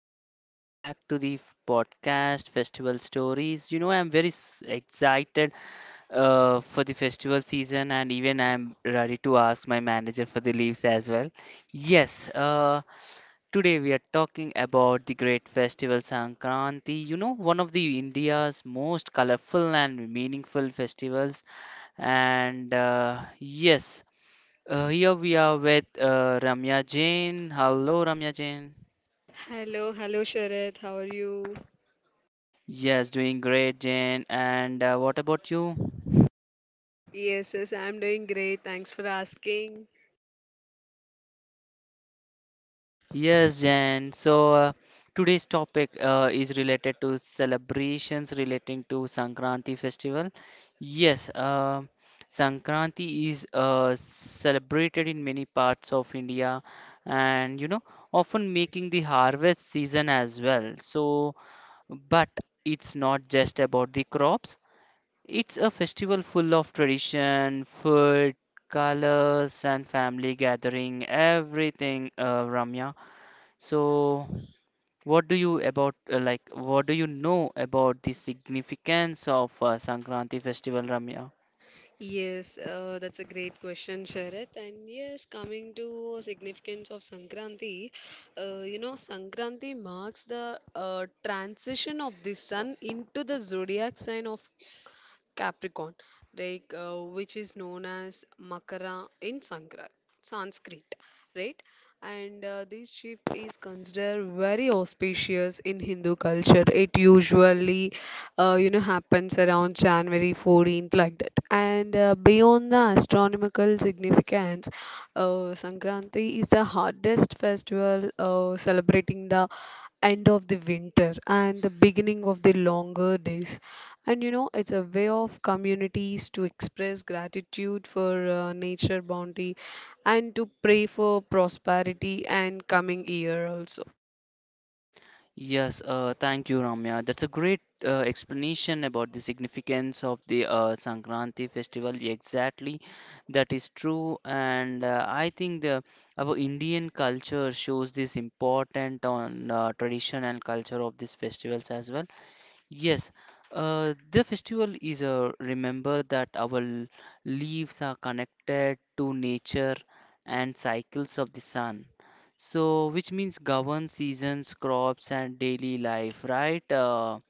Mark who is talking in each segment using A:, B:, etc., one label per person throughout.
A: Welcome back to the podcast Festival Stories. I'm very excited for the festival season, and even I'm ready to ask my manager for the leaves as well. Yes, today we are talking about the great festival Sankranti. One of the India's most colorful and meaningful festivals. And yes, here we are with Ramya Jain. Hello, Ramya Jain.
B: Hello, hello Sharad, how are you?
A: Yes, doing great, Jane. And what about you?
B: Yes, yes, I'm doing great. Thanks for asking.
A: Yes, Jen. So today's topic is related to celebrations relating to Sankranti festival. Yes, Sankranti is celebrated in many parts of India and often making the harvest season as well. So, but it's not just about the crops. It's a festival full of tradition, food, colors, and family gathering, everything, Ramya. So, what do you know about the significance of Sankranti festival, Ramya?
B: Yes, that's a great question, Sharad. And yes, coming to significance of Sankranti, Sankranti marks the transition of the sun into the zodiac sign of Capricorn, like which is known as Makara in Sanskrit, right? And this shift is considered very auspicious in Hindu culture. It usually happens around January 14th, like that. And beyond the astronomical significance, Sankranti is the hardest festival, celebrating the end of the winter and the beginning of the longer days. And it's a way of communities to express gratitude for nature bounty and to pray for prosperity and coming year also.
A: Yes, thank you, Ramya. That's a great explanation about the significance of the Sankranti festival. Exactly, that is true, and I think the our Indian culture shows this important on tradition and culture of these festivals as well. Yes, the festival is a remember that our leaves are connected to nature and cycles of the sun. So, which means govern seasons, crops, and daily life, right,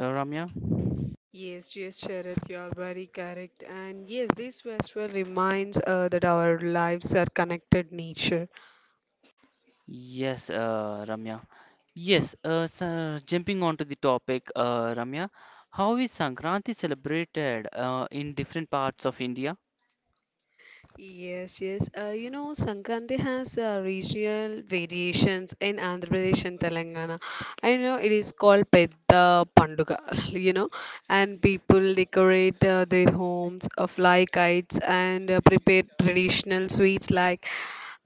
A: Ramya?
B: Yes, yes, Sharath, you are very correct. And yes, this festival reminds that our lives are connected nature.
A: Yes, Ramya. Yes, so jumping onto the topic, Ramya, how is Sankranti celebrated in different parts of India?
B: Yes, yes. Sankranti has regional variations in Andhra Pradesh and Telangana. I know it is called Pedda Panduga, you know, and people decorate their homes, fly kites, and prepare traditional sweets like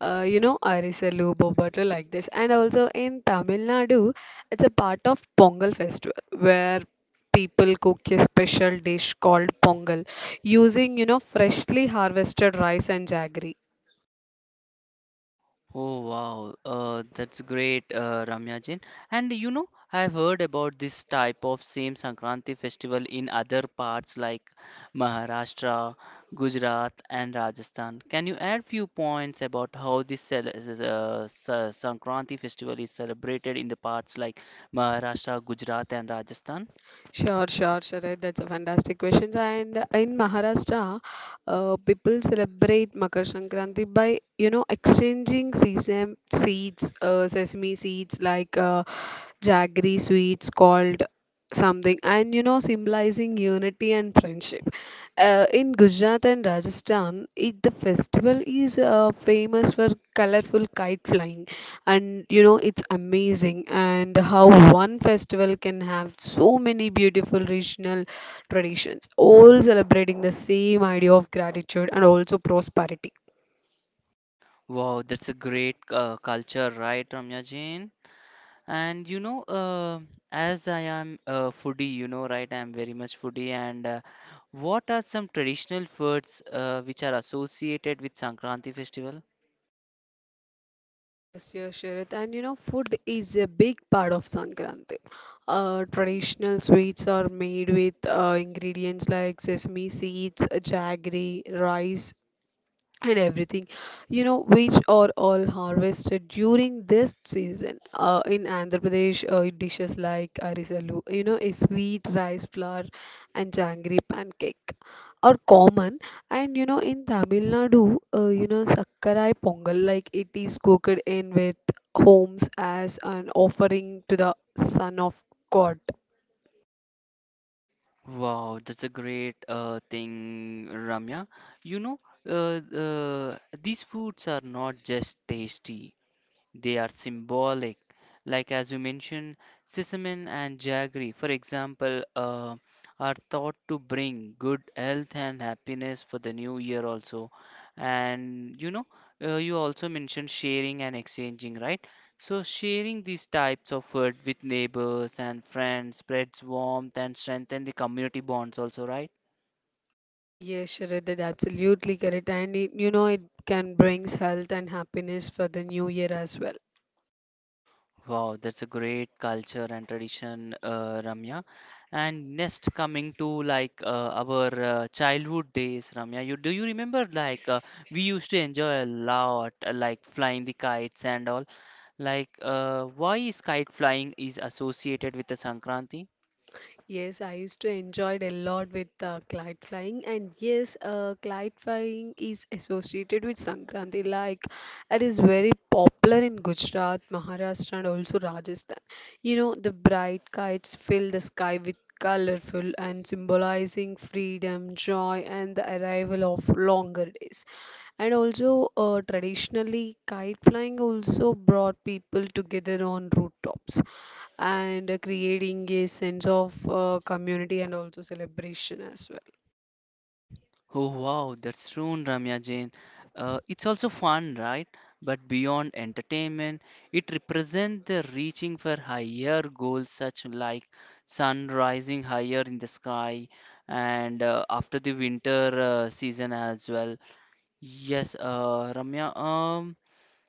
B: Arisalu, Bobattu like this. And also in Tamil Nadu, it's a part of Pongal festival where people cook a special dish called Pongal using freshly harvested rice and jaggery.
A: Oh wow, that's great, Ramya Jain. And I've heard about this type of same Sankranti festival in other parts like Maharashtra, Gujarat, and Rajasthan. Can you add few points about how this Sankranti festival is celebrated in the parts like Maharashtra, Gujarat, and Rajasthan?
B: Sure, sure, sure. That's a fantastic question. And in Maharashtra, people celebrate Makar Sankranti by exchanging sesame seeds, like jaggery sweets called something, and symbolizing unity and friendship. In Gujarat and Rajasthan, the festival is famous for colorful kite flying, and it's amazing and how one festival can have so many beautiful regional traditions, all celebrating the same idea of gratitude and also prosperity.
A: Wow, that's a great culture, right, Ramya Jain? And you know, as I am a foodie, right? I'm very much foodie. And what are some traditional foods which are associated with Sankranti festival?
B: Yes, yes, Sharad. And food is a big part of Sankranti. Traditional sweets are made with ingredients like sesame seeds, jaggery, rice, and everything, which are all harvested during this season. In Andhra Pradesh, dishes like arisalu, a sweet rice flour and jangry pancake, are common. And in Tamil Nadu, sakkarai pongal, like it is cooked in with homes as an offering to the son of god.
A: Wow, that's a great thing, Ramya. You know, these foods are not just tasty. They are symbolic. Like as you mentioned, sesame and jaggery, for example, are thought to bring good health and happiness for the new year also. And you also mentioned sharing and exchanging, right? So sharing these types of food with neighbors and friends spreads warmth and strengthen the community bonds also, right?
B: Yes, Sharad, that absolutely correct. And it can brings health and happiness for the new year as well.
A: Wow, that's a great culture and tradition, Ramya. And next, coming to like our childhood days, Ramya, you do you remember like we used to enjoy a lot, like flying the kites and all. Like, why is kite flying is associated with the Sankranti?
B: Yes, I used to enjoy it a lot with kite flying, and yes, kite flying is associated with Sankranti. Like, it is very popular in Gujarat, Maharashtra, and also Rajasthan. The bright kites fill the sky with colorful and symbolizing freedom, joy, and the arrival of longer days. And also, traditionally, kite flying also brought people together on rooftops, and creating a sense of community and also celebration as well.
A: Oh wow, that's true, Ramya Jain. It's also fun, right? But beyond entertainment, it represents the reaching for higher goals, such like sun rising higher in the sky, and after the winter season as well. Yes, Ramya.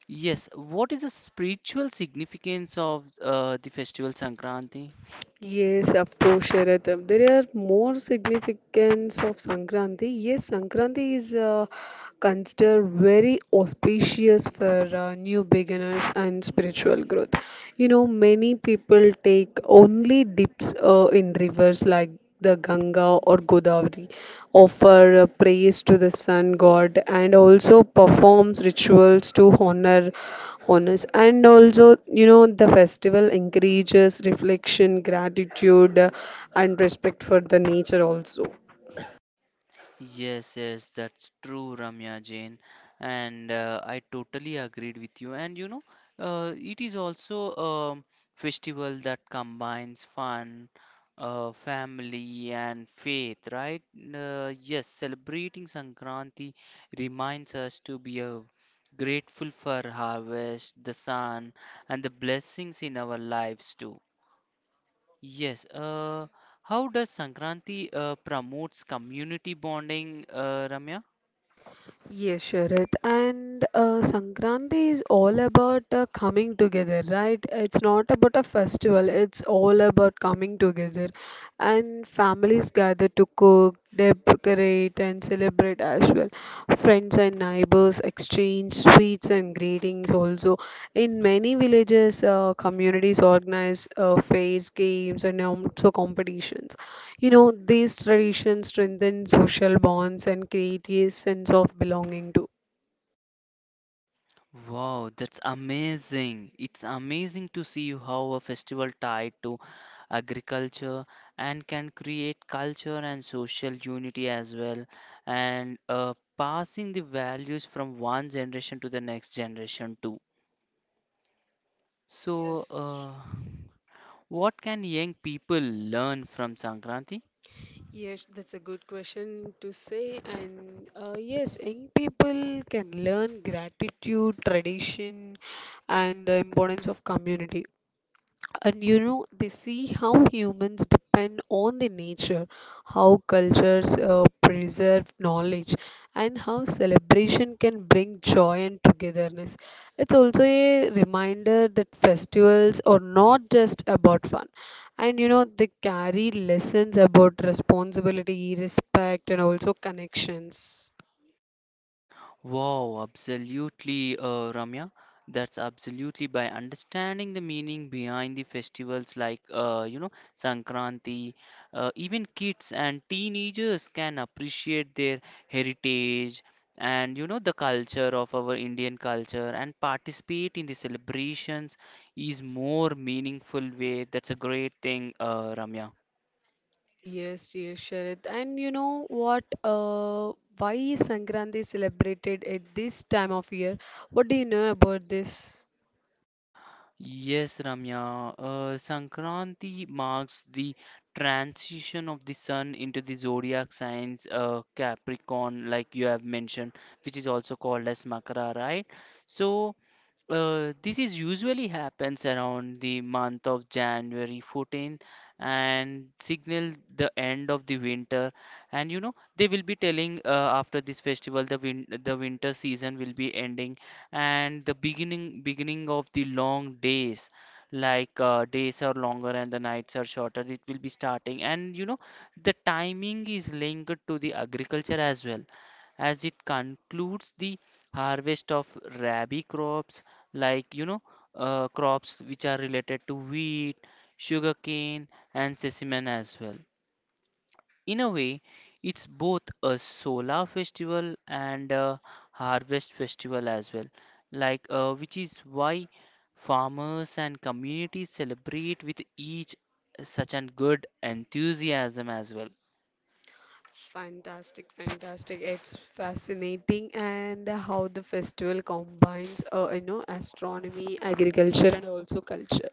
A: Yes. What is the spiritual significance of the festival Sankranti?
B: Yes, of course, Sharath. There are more significance of Sankranti. Yes, Sankranti is consider very auspicious for new beginners and spiritual growth. Many people take only dips in rivers like the Ganga or Godavari, offer praise to the sun god, and also performs rituals to honor honors. And also, the festival encourages reflection, gratitude, and respect for the nature also.
A: Yes, yes, that's true, Ramya Jain, and I totally agreed with you. And you know, it is also a festival that combines fun, family, and faith, right? Yes, celebrating Sankranti reminds us to be grateful for harvest, the sun, and the blessings in our lives too. Yes. How does Sankranti promotes community bonding, Ramya?
B: Yes, Sharat. And Sankranti is all about coming together, right? It's not about a festival, it's all about coming together. And families gather to cook, decorate, and celebrate as well. Friends and neighbors exchange sweets and greetings also. In many villages, communities organize fairs, games, and also competitions. These traditions strengthen social bonds and create a sense of belonging too.
A: Wow, that's amazing. It's amazing to see how a festival tied to agriculture and can create culture and social unity as well, and passing the values from one generation to the next generation too. So, yes.
B: Yes,
A: What can young people learn from Sankranti?
B: yes, that's a good question to say. And yes, young people can learn gratitude, tradition, and the importance of community. And they see how humans depend on the nature, how cultures preserve knowledge, and how celebration can bring joy and togetherness. It's also a reminder that festivals are not just about fun, and they carry lessons about responsibility, respect, and also connections.
A: Wow, absolutely, Ramya. That's absolutely by understanding the meaning behind the festivals like, Sankranti, even kids and teenagers can appreciate their heritage and the culture of our Indian culture and participate in the celebrations is more meaningful way. That's a great thing, Ramya.
B: Yes, yes, Sharad. And you know what? Why is Sankranti celebrated at this time of year? What do you know about this?
A: Yes, Ramya. Sankranti marks the transition of the sun into the zodiac signs Capricorn, like you have mentioned, which is also called as Makara, right? So, this is usually happens around the month of January 14th and signal the end of the winter. And they will be telling after this festival the winter season will be ending and the beginning of the long days. Like days are longer and the nights are shorter, it will be starting. And the timing is linked to the agriculture as well as it concludes the harvest of rabi crops like crops which are related to wheat, sugarcane, and sesame as well. In a way, it's both a solar festival and a harvest festival as well, like which is why farmers and communities celebrate with each such an good enthusiasm as well.
B: Fantastic, fantastic. It's fascinating and how the festival combines, astronomy, agriculture, and also culture.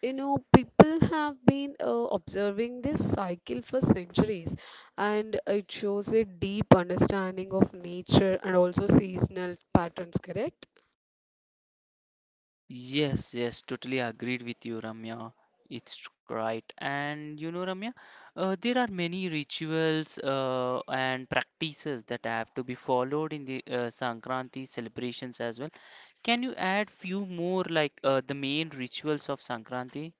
B: People have been observing this cycle for centuries, and it shows a deep understanding of nature and also seasonal patterns, correct?
A: Yes, yes, totally agreed with you, Ramya. It's right. And Ramya, there are many rituals and practices that have to be followed in the Sankranti celebrations as well. Can you add few more like the main rituals of Sankranti?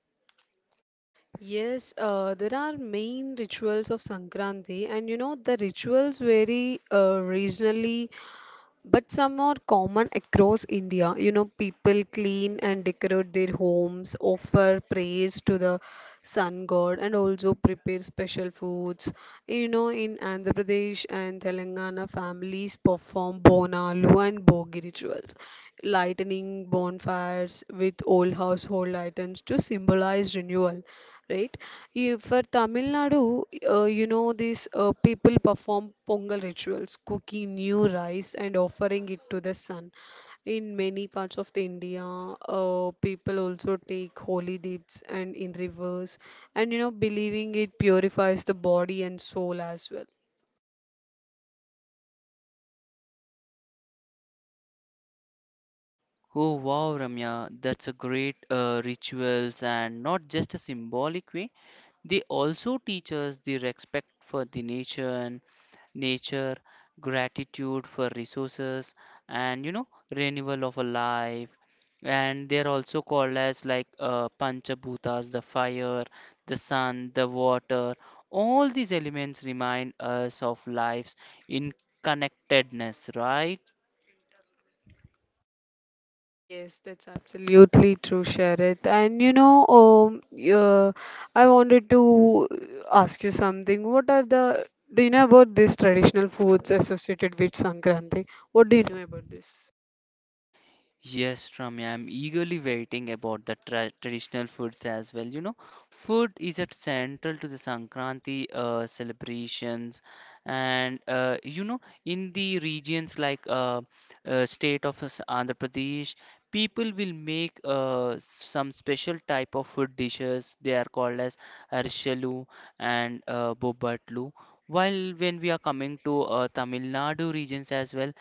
B: Yes, there are main rituals of Sankranti, and the rituals vary regionally, but some are common across India. People clean and decorate their homes, offer praise to the sun god, and also prepare special foods. In Andhra Pradesh and Telangana, families perform bonalu and bogi rituals, lighting bonfires with old household items to symbolize renewal, right? For Tamil Nadu, these people perform Pongal rituals, cooking new rice and offering it to the sun. In many parts of the India, people also take holy dips and in rivers, and believing it purifies the body and soul as well.
A: Oh wow, Ramya, that's a great rituals and not just a symbolic way. They also teach us the respect for the nature, gratitude for resources, and renewal of a life. And they are also called as like Panchabhutas, the fire, the sun, the water. All these elements remind us of life's in connectedness, right?
B: Yes, that's absolutely true, Sharad. And uh, I wanted to ask you something. Do you know about these traditional foods associated with Sankranti? What do you know about this?
A: Yes, Ramya, I'm eagerly waiting about the traditional foods as well. Food is at central to the Sankranti celebrations, and in the regions like state of Andhra Pradesh, people will make some special type of food dishes. They are called as arshalu and bobatlu. While when we are coming to Tamil Nadu regions as well,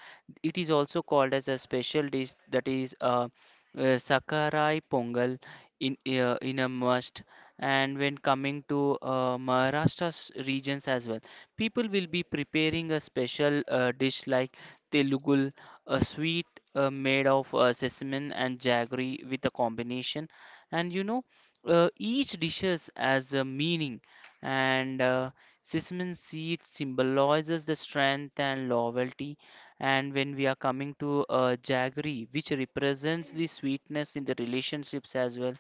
A: it is also called as a special dish that is uh, Sakarai Pongal in a must. And when coming to Maharashtra's regions as well, people will be preparing a special dish like Telugul, a sweet made of sesame and jaggery with a combination. And you know, each dishes has a meaning and sesame seed symbolizes the strength and loyalty and when we are coming to jaggery, which represents the sweetness in the relationships as well,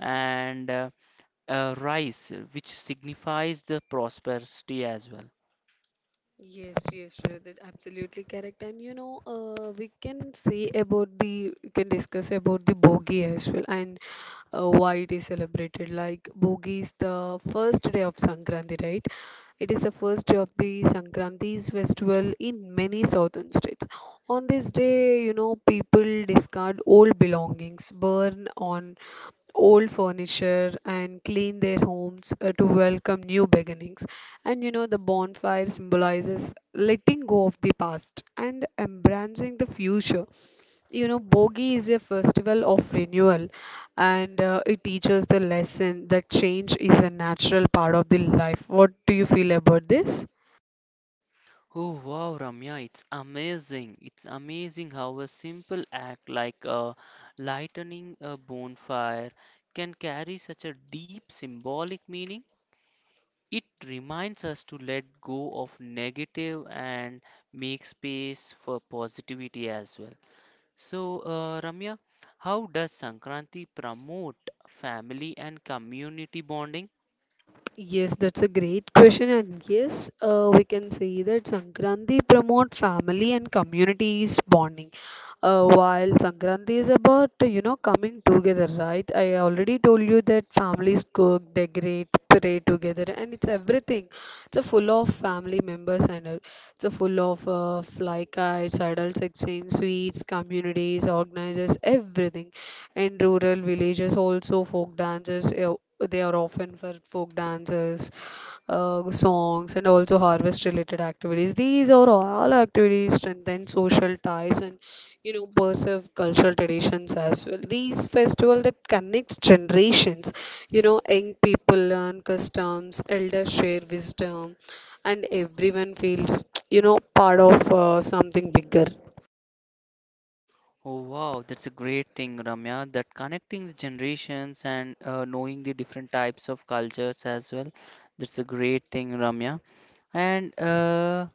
A: and rice, which signifies the prosperity as well.
B: Yes, yes, Shraddha, that's absolutely correct. And we can discuss about the Bogi as well, and why it is celebrated. Like, Bogi is the first day of Sankranti, right? It is the first day of the Sankranti's festival in many southern states. On this day, people discard old belongings, burn on old furniture and clean their homes, to welcome new beginnings. And the bonfire symbolizes letting go of the past and embracing the future. Bogi is a festival of renewal, and it teaches the lesson that change is a natural part of the life. What do you feel about this?
A: Oh wow, Ramya, it's amazing. It's amazing how a simple act like lightening a bonfire can carry such a deep symbolic meaning. It reminds us to let go of negative and make space for positivity as well. So, Ramya, how does Sankranti promote family and community bonding?
B: Yes, that's a great question, and yes, we can say that Sankranti promote family and communities bonding. While Sankranti is about coming together, right? I already told you that families cook, decorate, pray together, and it's everything. It's a full of family members and all. It's a full of fly kites, adults exchange sweets, communities, organizes everything. In rural villages, also folk dances. They are often for folk dances, songs, and also harvest-related activities. These are all activities strengthen social ties, and preserve cultural traditions as well. These festival that connects generations, young people learn customs, elders share wisdom, and everyone feels, part of something bigger.
A: Oh wow, that's a great thing, Ramya. That connecting the generations and knowing the different types of cultures as well. That's a great thing, Ramya. And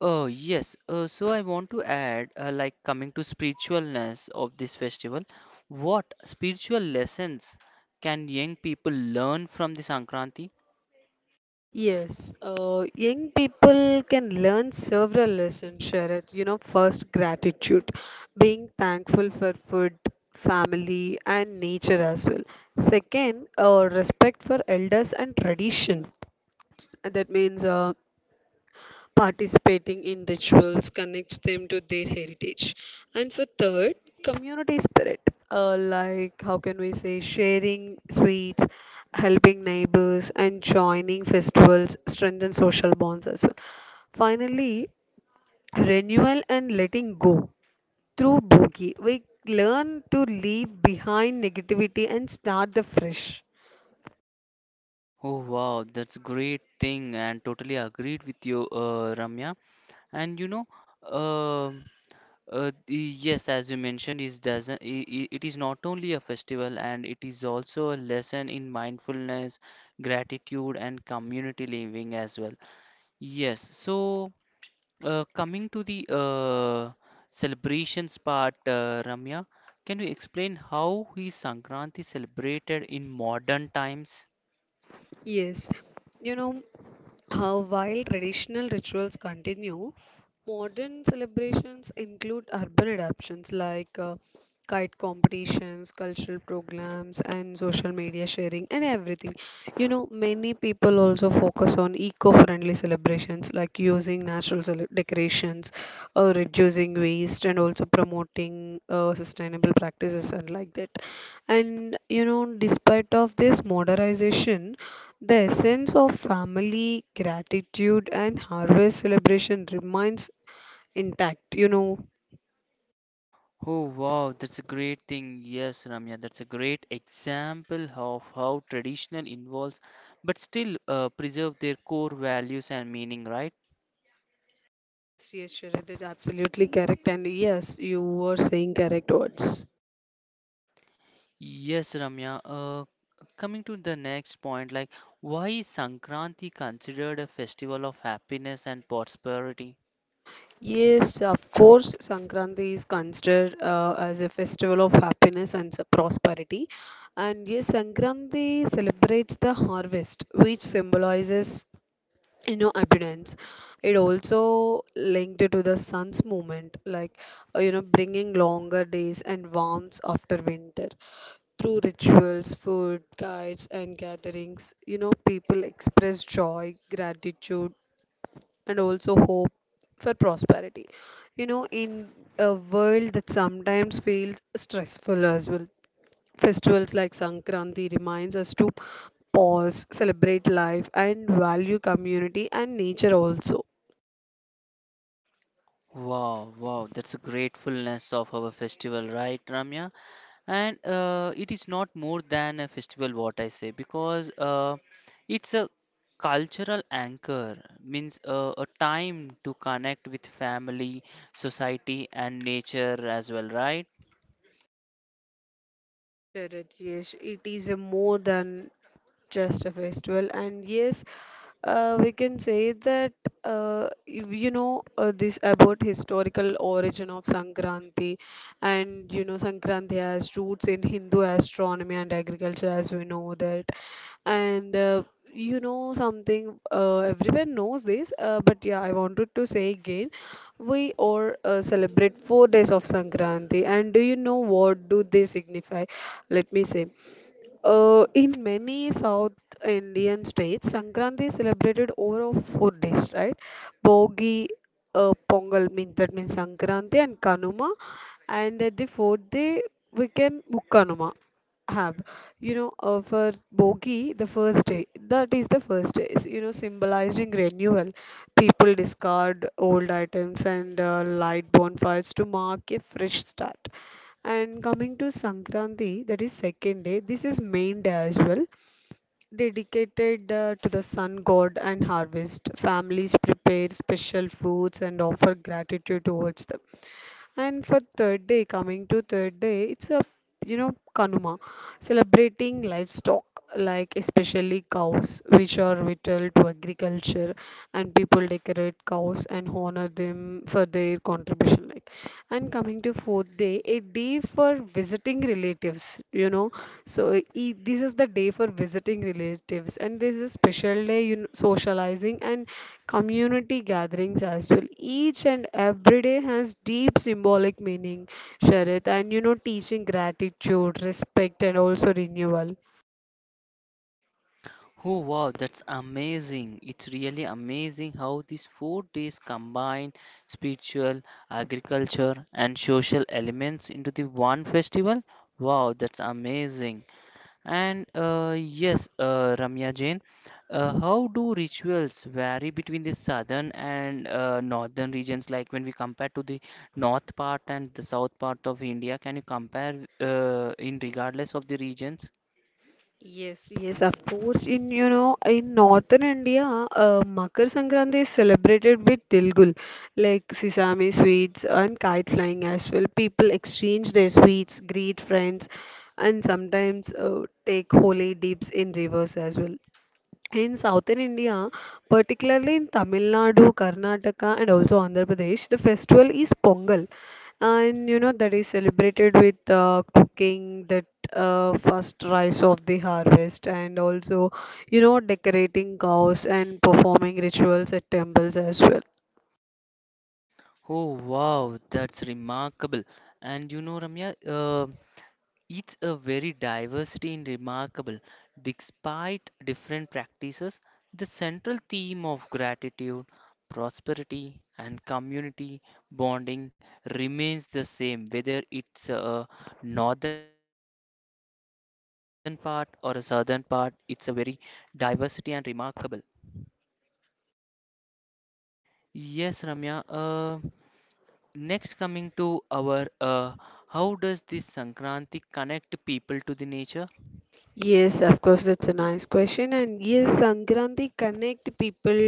A: oh yes, so I want to add, like coming to spiritualness of this festival, what spiritual lessons can young people learn from the Sankranti?
B: Yes, young people can learn several lessons, Sharad. First, gratitude, being thankful for food, family, and nature as well. Second, respect for elders and tradition. That means participating in rituals connects them to their heritage. And for third, community spirit, like how can we say, sharing sweets, helping neighbors, and joining festivals strengthen social bonds as well. Finally, renewal and letting go. Through Bogi we learn to leave behind negativity and start the fresh.
A: Oh wow, that's great thing and totally agreed with you, Ramya. And you know, um y- yes, as you mentioned, is doesn't I- it is not only a festival and it is also a lesson in mindfulness, gratitude, and community living as well. Yes, so coming to the celebrations part, Ramya, can you explain how is Sankranti celebrated in modern times?
B: Yes, you know while traditional rituals continue, modern celebrations include urban adaptations like kite competitions, cultural programs, and social media sharing, and everything. Many people also focus on eco friendly celebrations like using natural decorations, or reducing waste, and also promoting sustainable practices and like that. And despite of this modernization, the essence of family, gratitude, and harvest celebration remains intact.
A: Oh wow, that's a great thing. Yes, Ramya, that's a great example of how traditional involves but still preserve their core values and meaning, right?
B: Yes, yes, Sharad is absolutely correct, and yes, you were saying correct words.
A: Yes, Ramya. Coming to the next point, like why is Sankranti considered a festival of happiness and prosperity?
B: Yes, of course, Sankranti is considered as a festival of happiness and prosperity. And yes, Sankranti celebrates the harvest, which symbolizes, abundance. It also linked to the sun's movement, like bringing longer days and warmth after winter through rituals, food guides, and gatherings. People express joy, gratitude, and also hope for prosperity. In a world that sometimes feels stressful as well, festivals like Sankranti reminds us to pause, celebrate life, and value community and nature also.
A: Wow, wow, that's a gratefulness of our festival, right, Ramya? And it is not more than a festival what I say because it's a cultural anchor means a time to connect with family society and nature as well, right?
B: Sure, yes, it is a more than just a festival. And yes, we can say that, if you know, this about historical origin of Sankranti. And Sankranti has roots in Hindu astronomy and agriculture, as we know that. And you know something, everyone knows this, but yeah, I wanted to say again, we all celebrate 4 days of Sankranti, and do you know what do they signify? Let me say. In many South Indian states, Sankranti is celebrated over of 4 days, right? Bogi, Pongal means Sankranti, and Kanuma, and at the fourth day we can Mukkanuma have. For Bogi, the first day, is, symbolizing renewal. People discard old items and light bonfires to mark a fresh start. And coming to Sankranti, that is second day. This is main day as well, dedicated to the sun god and harvest. Families prepare special foods and offer gratitude towards them. And for third day, it's a Kanuma, celebrating livestock, like especially cows, which are vital to agriculture, and people decorate cows and honor them for their contribution. Like, and coming to fourth day, a day for visiting relatives. You know, so e This is the day for visiting relatives, and this is special day, socializing and community gatherings as well. Each and every day has deep symbolic meaning, Sharad, and teaching gratitude, respect, and also renewal.
A: Oh wow, that's amazing. It's really amazing how these 4 days combine spiritual, agriculture, and social elements into the one festival. Wow, that's amazing. And yes, Ramya Jain, how do rituals vary between the southern and northern regions? Like when we compare to the north part and the south part of India, can you compare in regardless of the regions?
B: Yes, yes, of course. In northern India, Makar Sankranti is celebrated with tilgul, like sesame sweets and kite flying as well. People exchange their sweets, greet friends, and sometimes take holy dips in rivers as well. In southern India, particularly in Tamil Nadu, Karnataka, and also Andhra Pradesh, the festival is Pongal, and that is celebrated with cooking that first rice of the harvest, and also decorating cows and performing rituals at temples as well.
A: Oh wow, that's remarkable. And Ramya, it's a very diversity in remarkable. Despite different practices, the central theme of gratitude, prosperity, and community bonding remains the same. Whether it's a northern part or a southern part, it's a very diversity and remarkable. Yes, Ramya. Next, coming to our how does this Sankranti connect people to the nature?
B: Yes, of course, that's a nice question. And yes, Sankranti connect people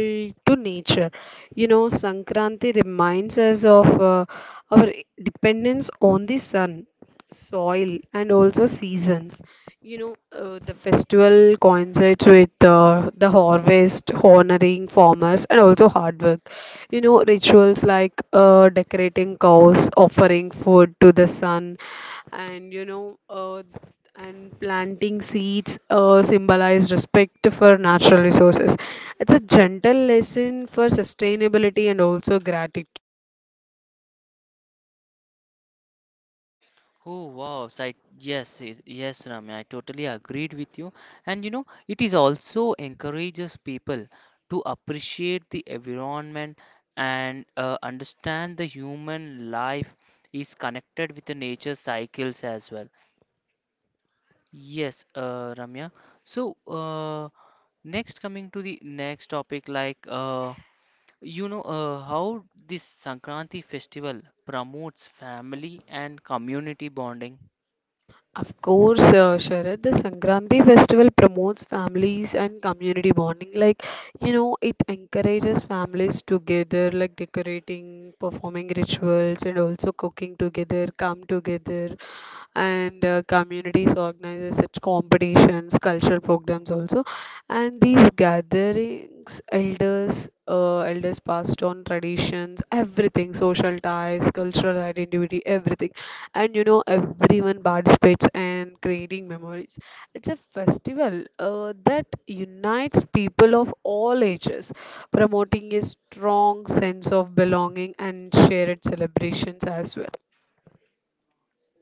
B: to nature. Sankranti reminds us of our dependence on the sun, soil, and also seasons. The festival coincides with the harvest, honoring farmers, and also hard work. Rituals like decorating cows, offering food to the sun, and you know and planting seeds symbolize respect for natural resources. It's a gentle lesson for sustainability and also gratitude.
A: Oh wow, yes, Ramya, I totally agreed with you. And it is also encourages people to appreciate the environment and understand the human life is connected with the nature cycles as well. Yes, Ramya. So next, coming to the next topic, like how this Sankranti festival promotes family and community bonding.
B: Of course, Sharad, the Sankranti festival promotes families and community bonding. Like, it encourages families together, like decorating, performing rituals, and also cooking together, come together. And communities organizes such competitions, cultural programs also. And these gatherings elders, elders passed on traditions, everything, social ties, cultural identity, everything. And everyone participates in creating memories. It's a festival that unites people of all ages, promoting a strong sense of belonging and shared celebrations as well.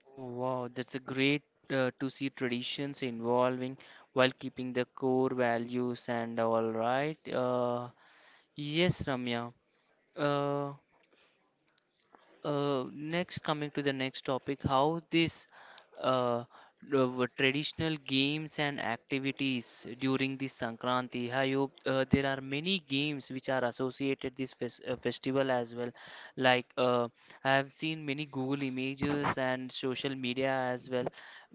A: Oh wow, that's a great to see traditions involving while keeping the core values and all right. Yes, Ramya. Uh, Next, coming to the next topic, how this uh, the traditional games and activities during the Sankranti. I hope there are many games which are associated this festival as well. Like I have seen many Google images and social media as well.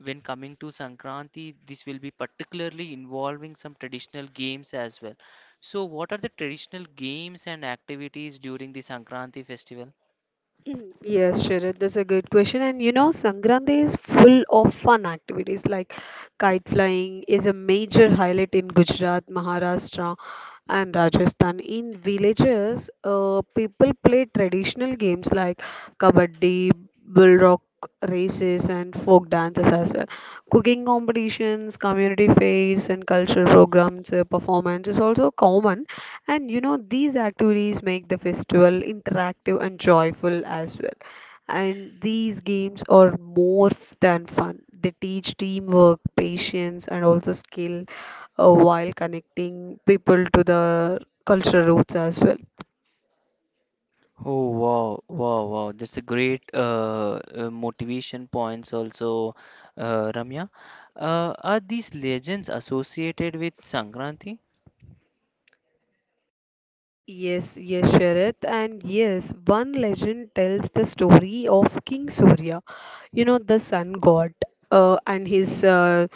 A: When coming to Sankranti, this will be particularly involving some traditional games as well. So, what are the traditional games and activities during the Sankranti festival?
B: Yes, Sharad, that's a good question. And Sangrande is full of fun activities like kite flying is a major highlight in Gujarat, Maharashtra, and Rajasthan. In villages, people play traditional games like kabaddi, bull rock races, and folk dances as well. Cooking competitions, community fairs, and cultural programs, performance is also common. And these activities make the festival interactive and joyful as well. And these games are than fun. They teach teamwork, patience, and also skill while connecting people to the cultural roots as well.
A: Oh wow, wow, wow. That's a great motivation points also, Ramya. Are these legends associated with Sankranti?
B: Yes, yes, Sharad. And yes, one legend tells the story of King Surya, the sun god, and his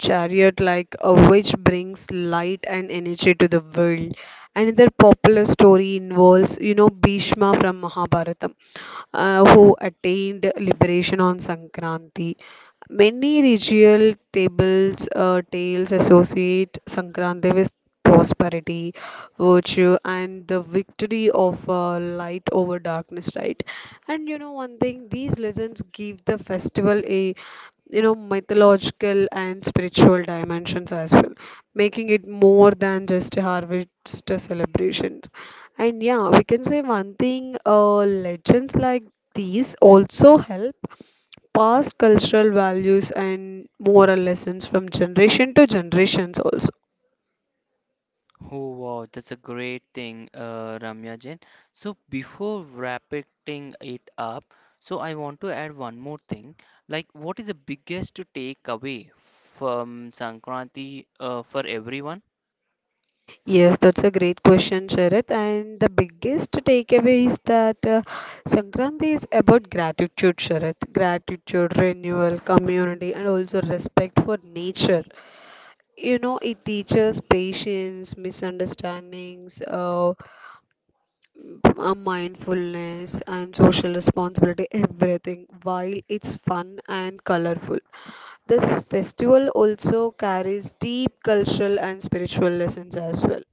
B: chariot, which brings light and energy to the world. Another popular story involves, Bhishma from Mahabharata, who attained liberation on Sankranti. Many regional tales associate Sankranti with prosperity, virtue, and the victory of light over darkness, right? And one thing, these legends give the festival a mythological and spiritual dimensions as well, making it more than just a harvest celebration. And yeah, we can say one thing, legends like these also help pass cultural values and moral lessons from generation to generations also.
A: Oh wow, that's a great thing, Ramya Jain. So before wrapping it up, so I want to add one more thing. Like, what is the biggest to take away from Sankranti for everyone?
B: Yes, that's a great question, Sharath. And the biggest takeaway is that Sankranti is about gratitude, Sharath. Gratitude, renewal, community, and also respect for nature. It teaches patience, misunderstandings, mindfulness and social responsibility, everything, while it's fun and colorful. This festival also carries deep cultural and spiritual lessons as well.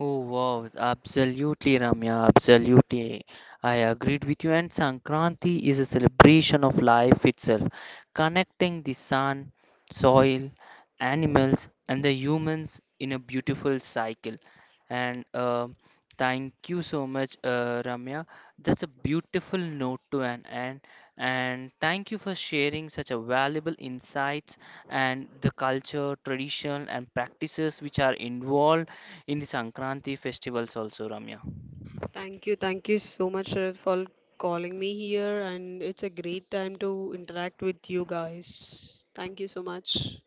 A: Oh wow, absolutely Ramya, absolutely. I agreed with you and Sankranti is a celebration of life itself, connecting the sun, soil, animals and the humans in a beautiful cycle. And thank you so much Ramya. That's a beautiful note to an end and thank you for sharing such a valuable insights and the culture, tradition and practices which are involved in the Sankranti festivals also, Ramya.
B: Thank you so much, Sharad, for calling me here, and it's a great time to interact with you guys. Thank you so much.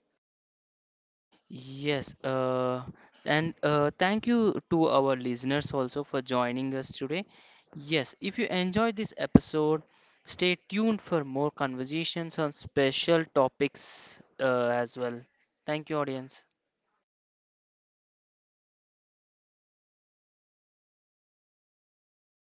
A: Yes, and thank you to our listeners also for joining us today. Yes, if you enjoyed this episode, stay tuned for more conversations on special topics as well. Thank you, audience.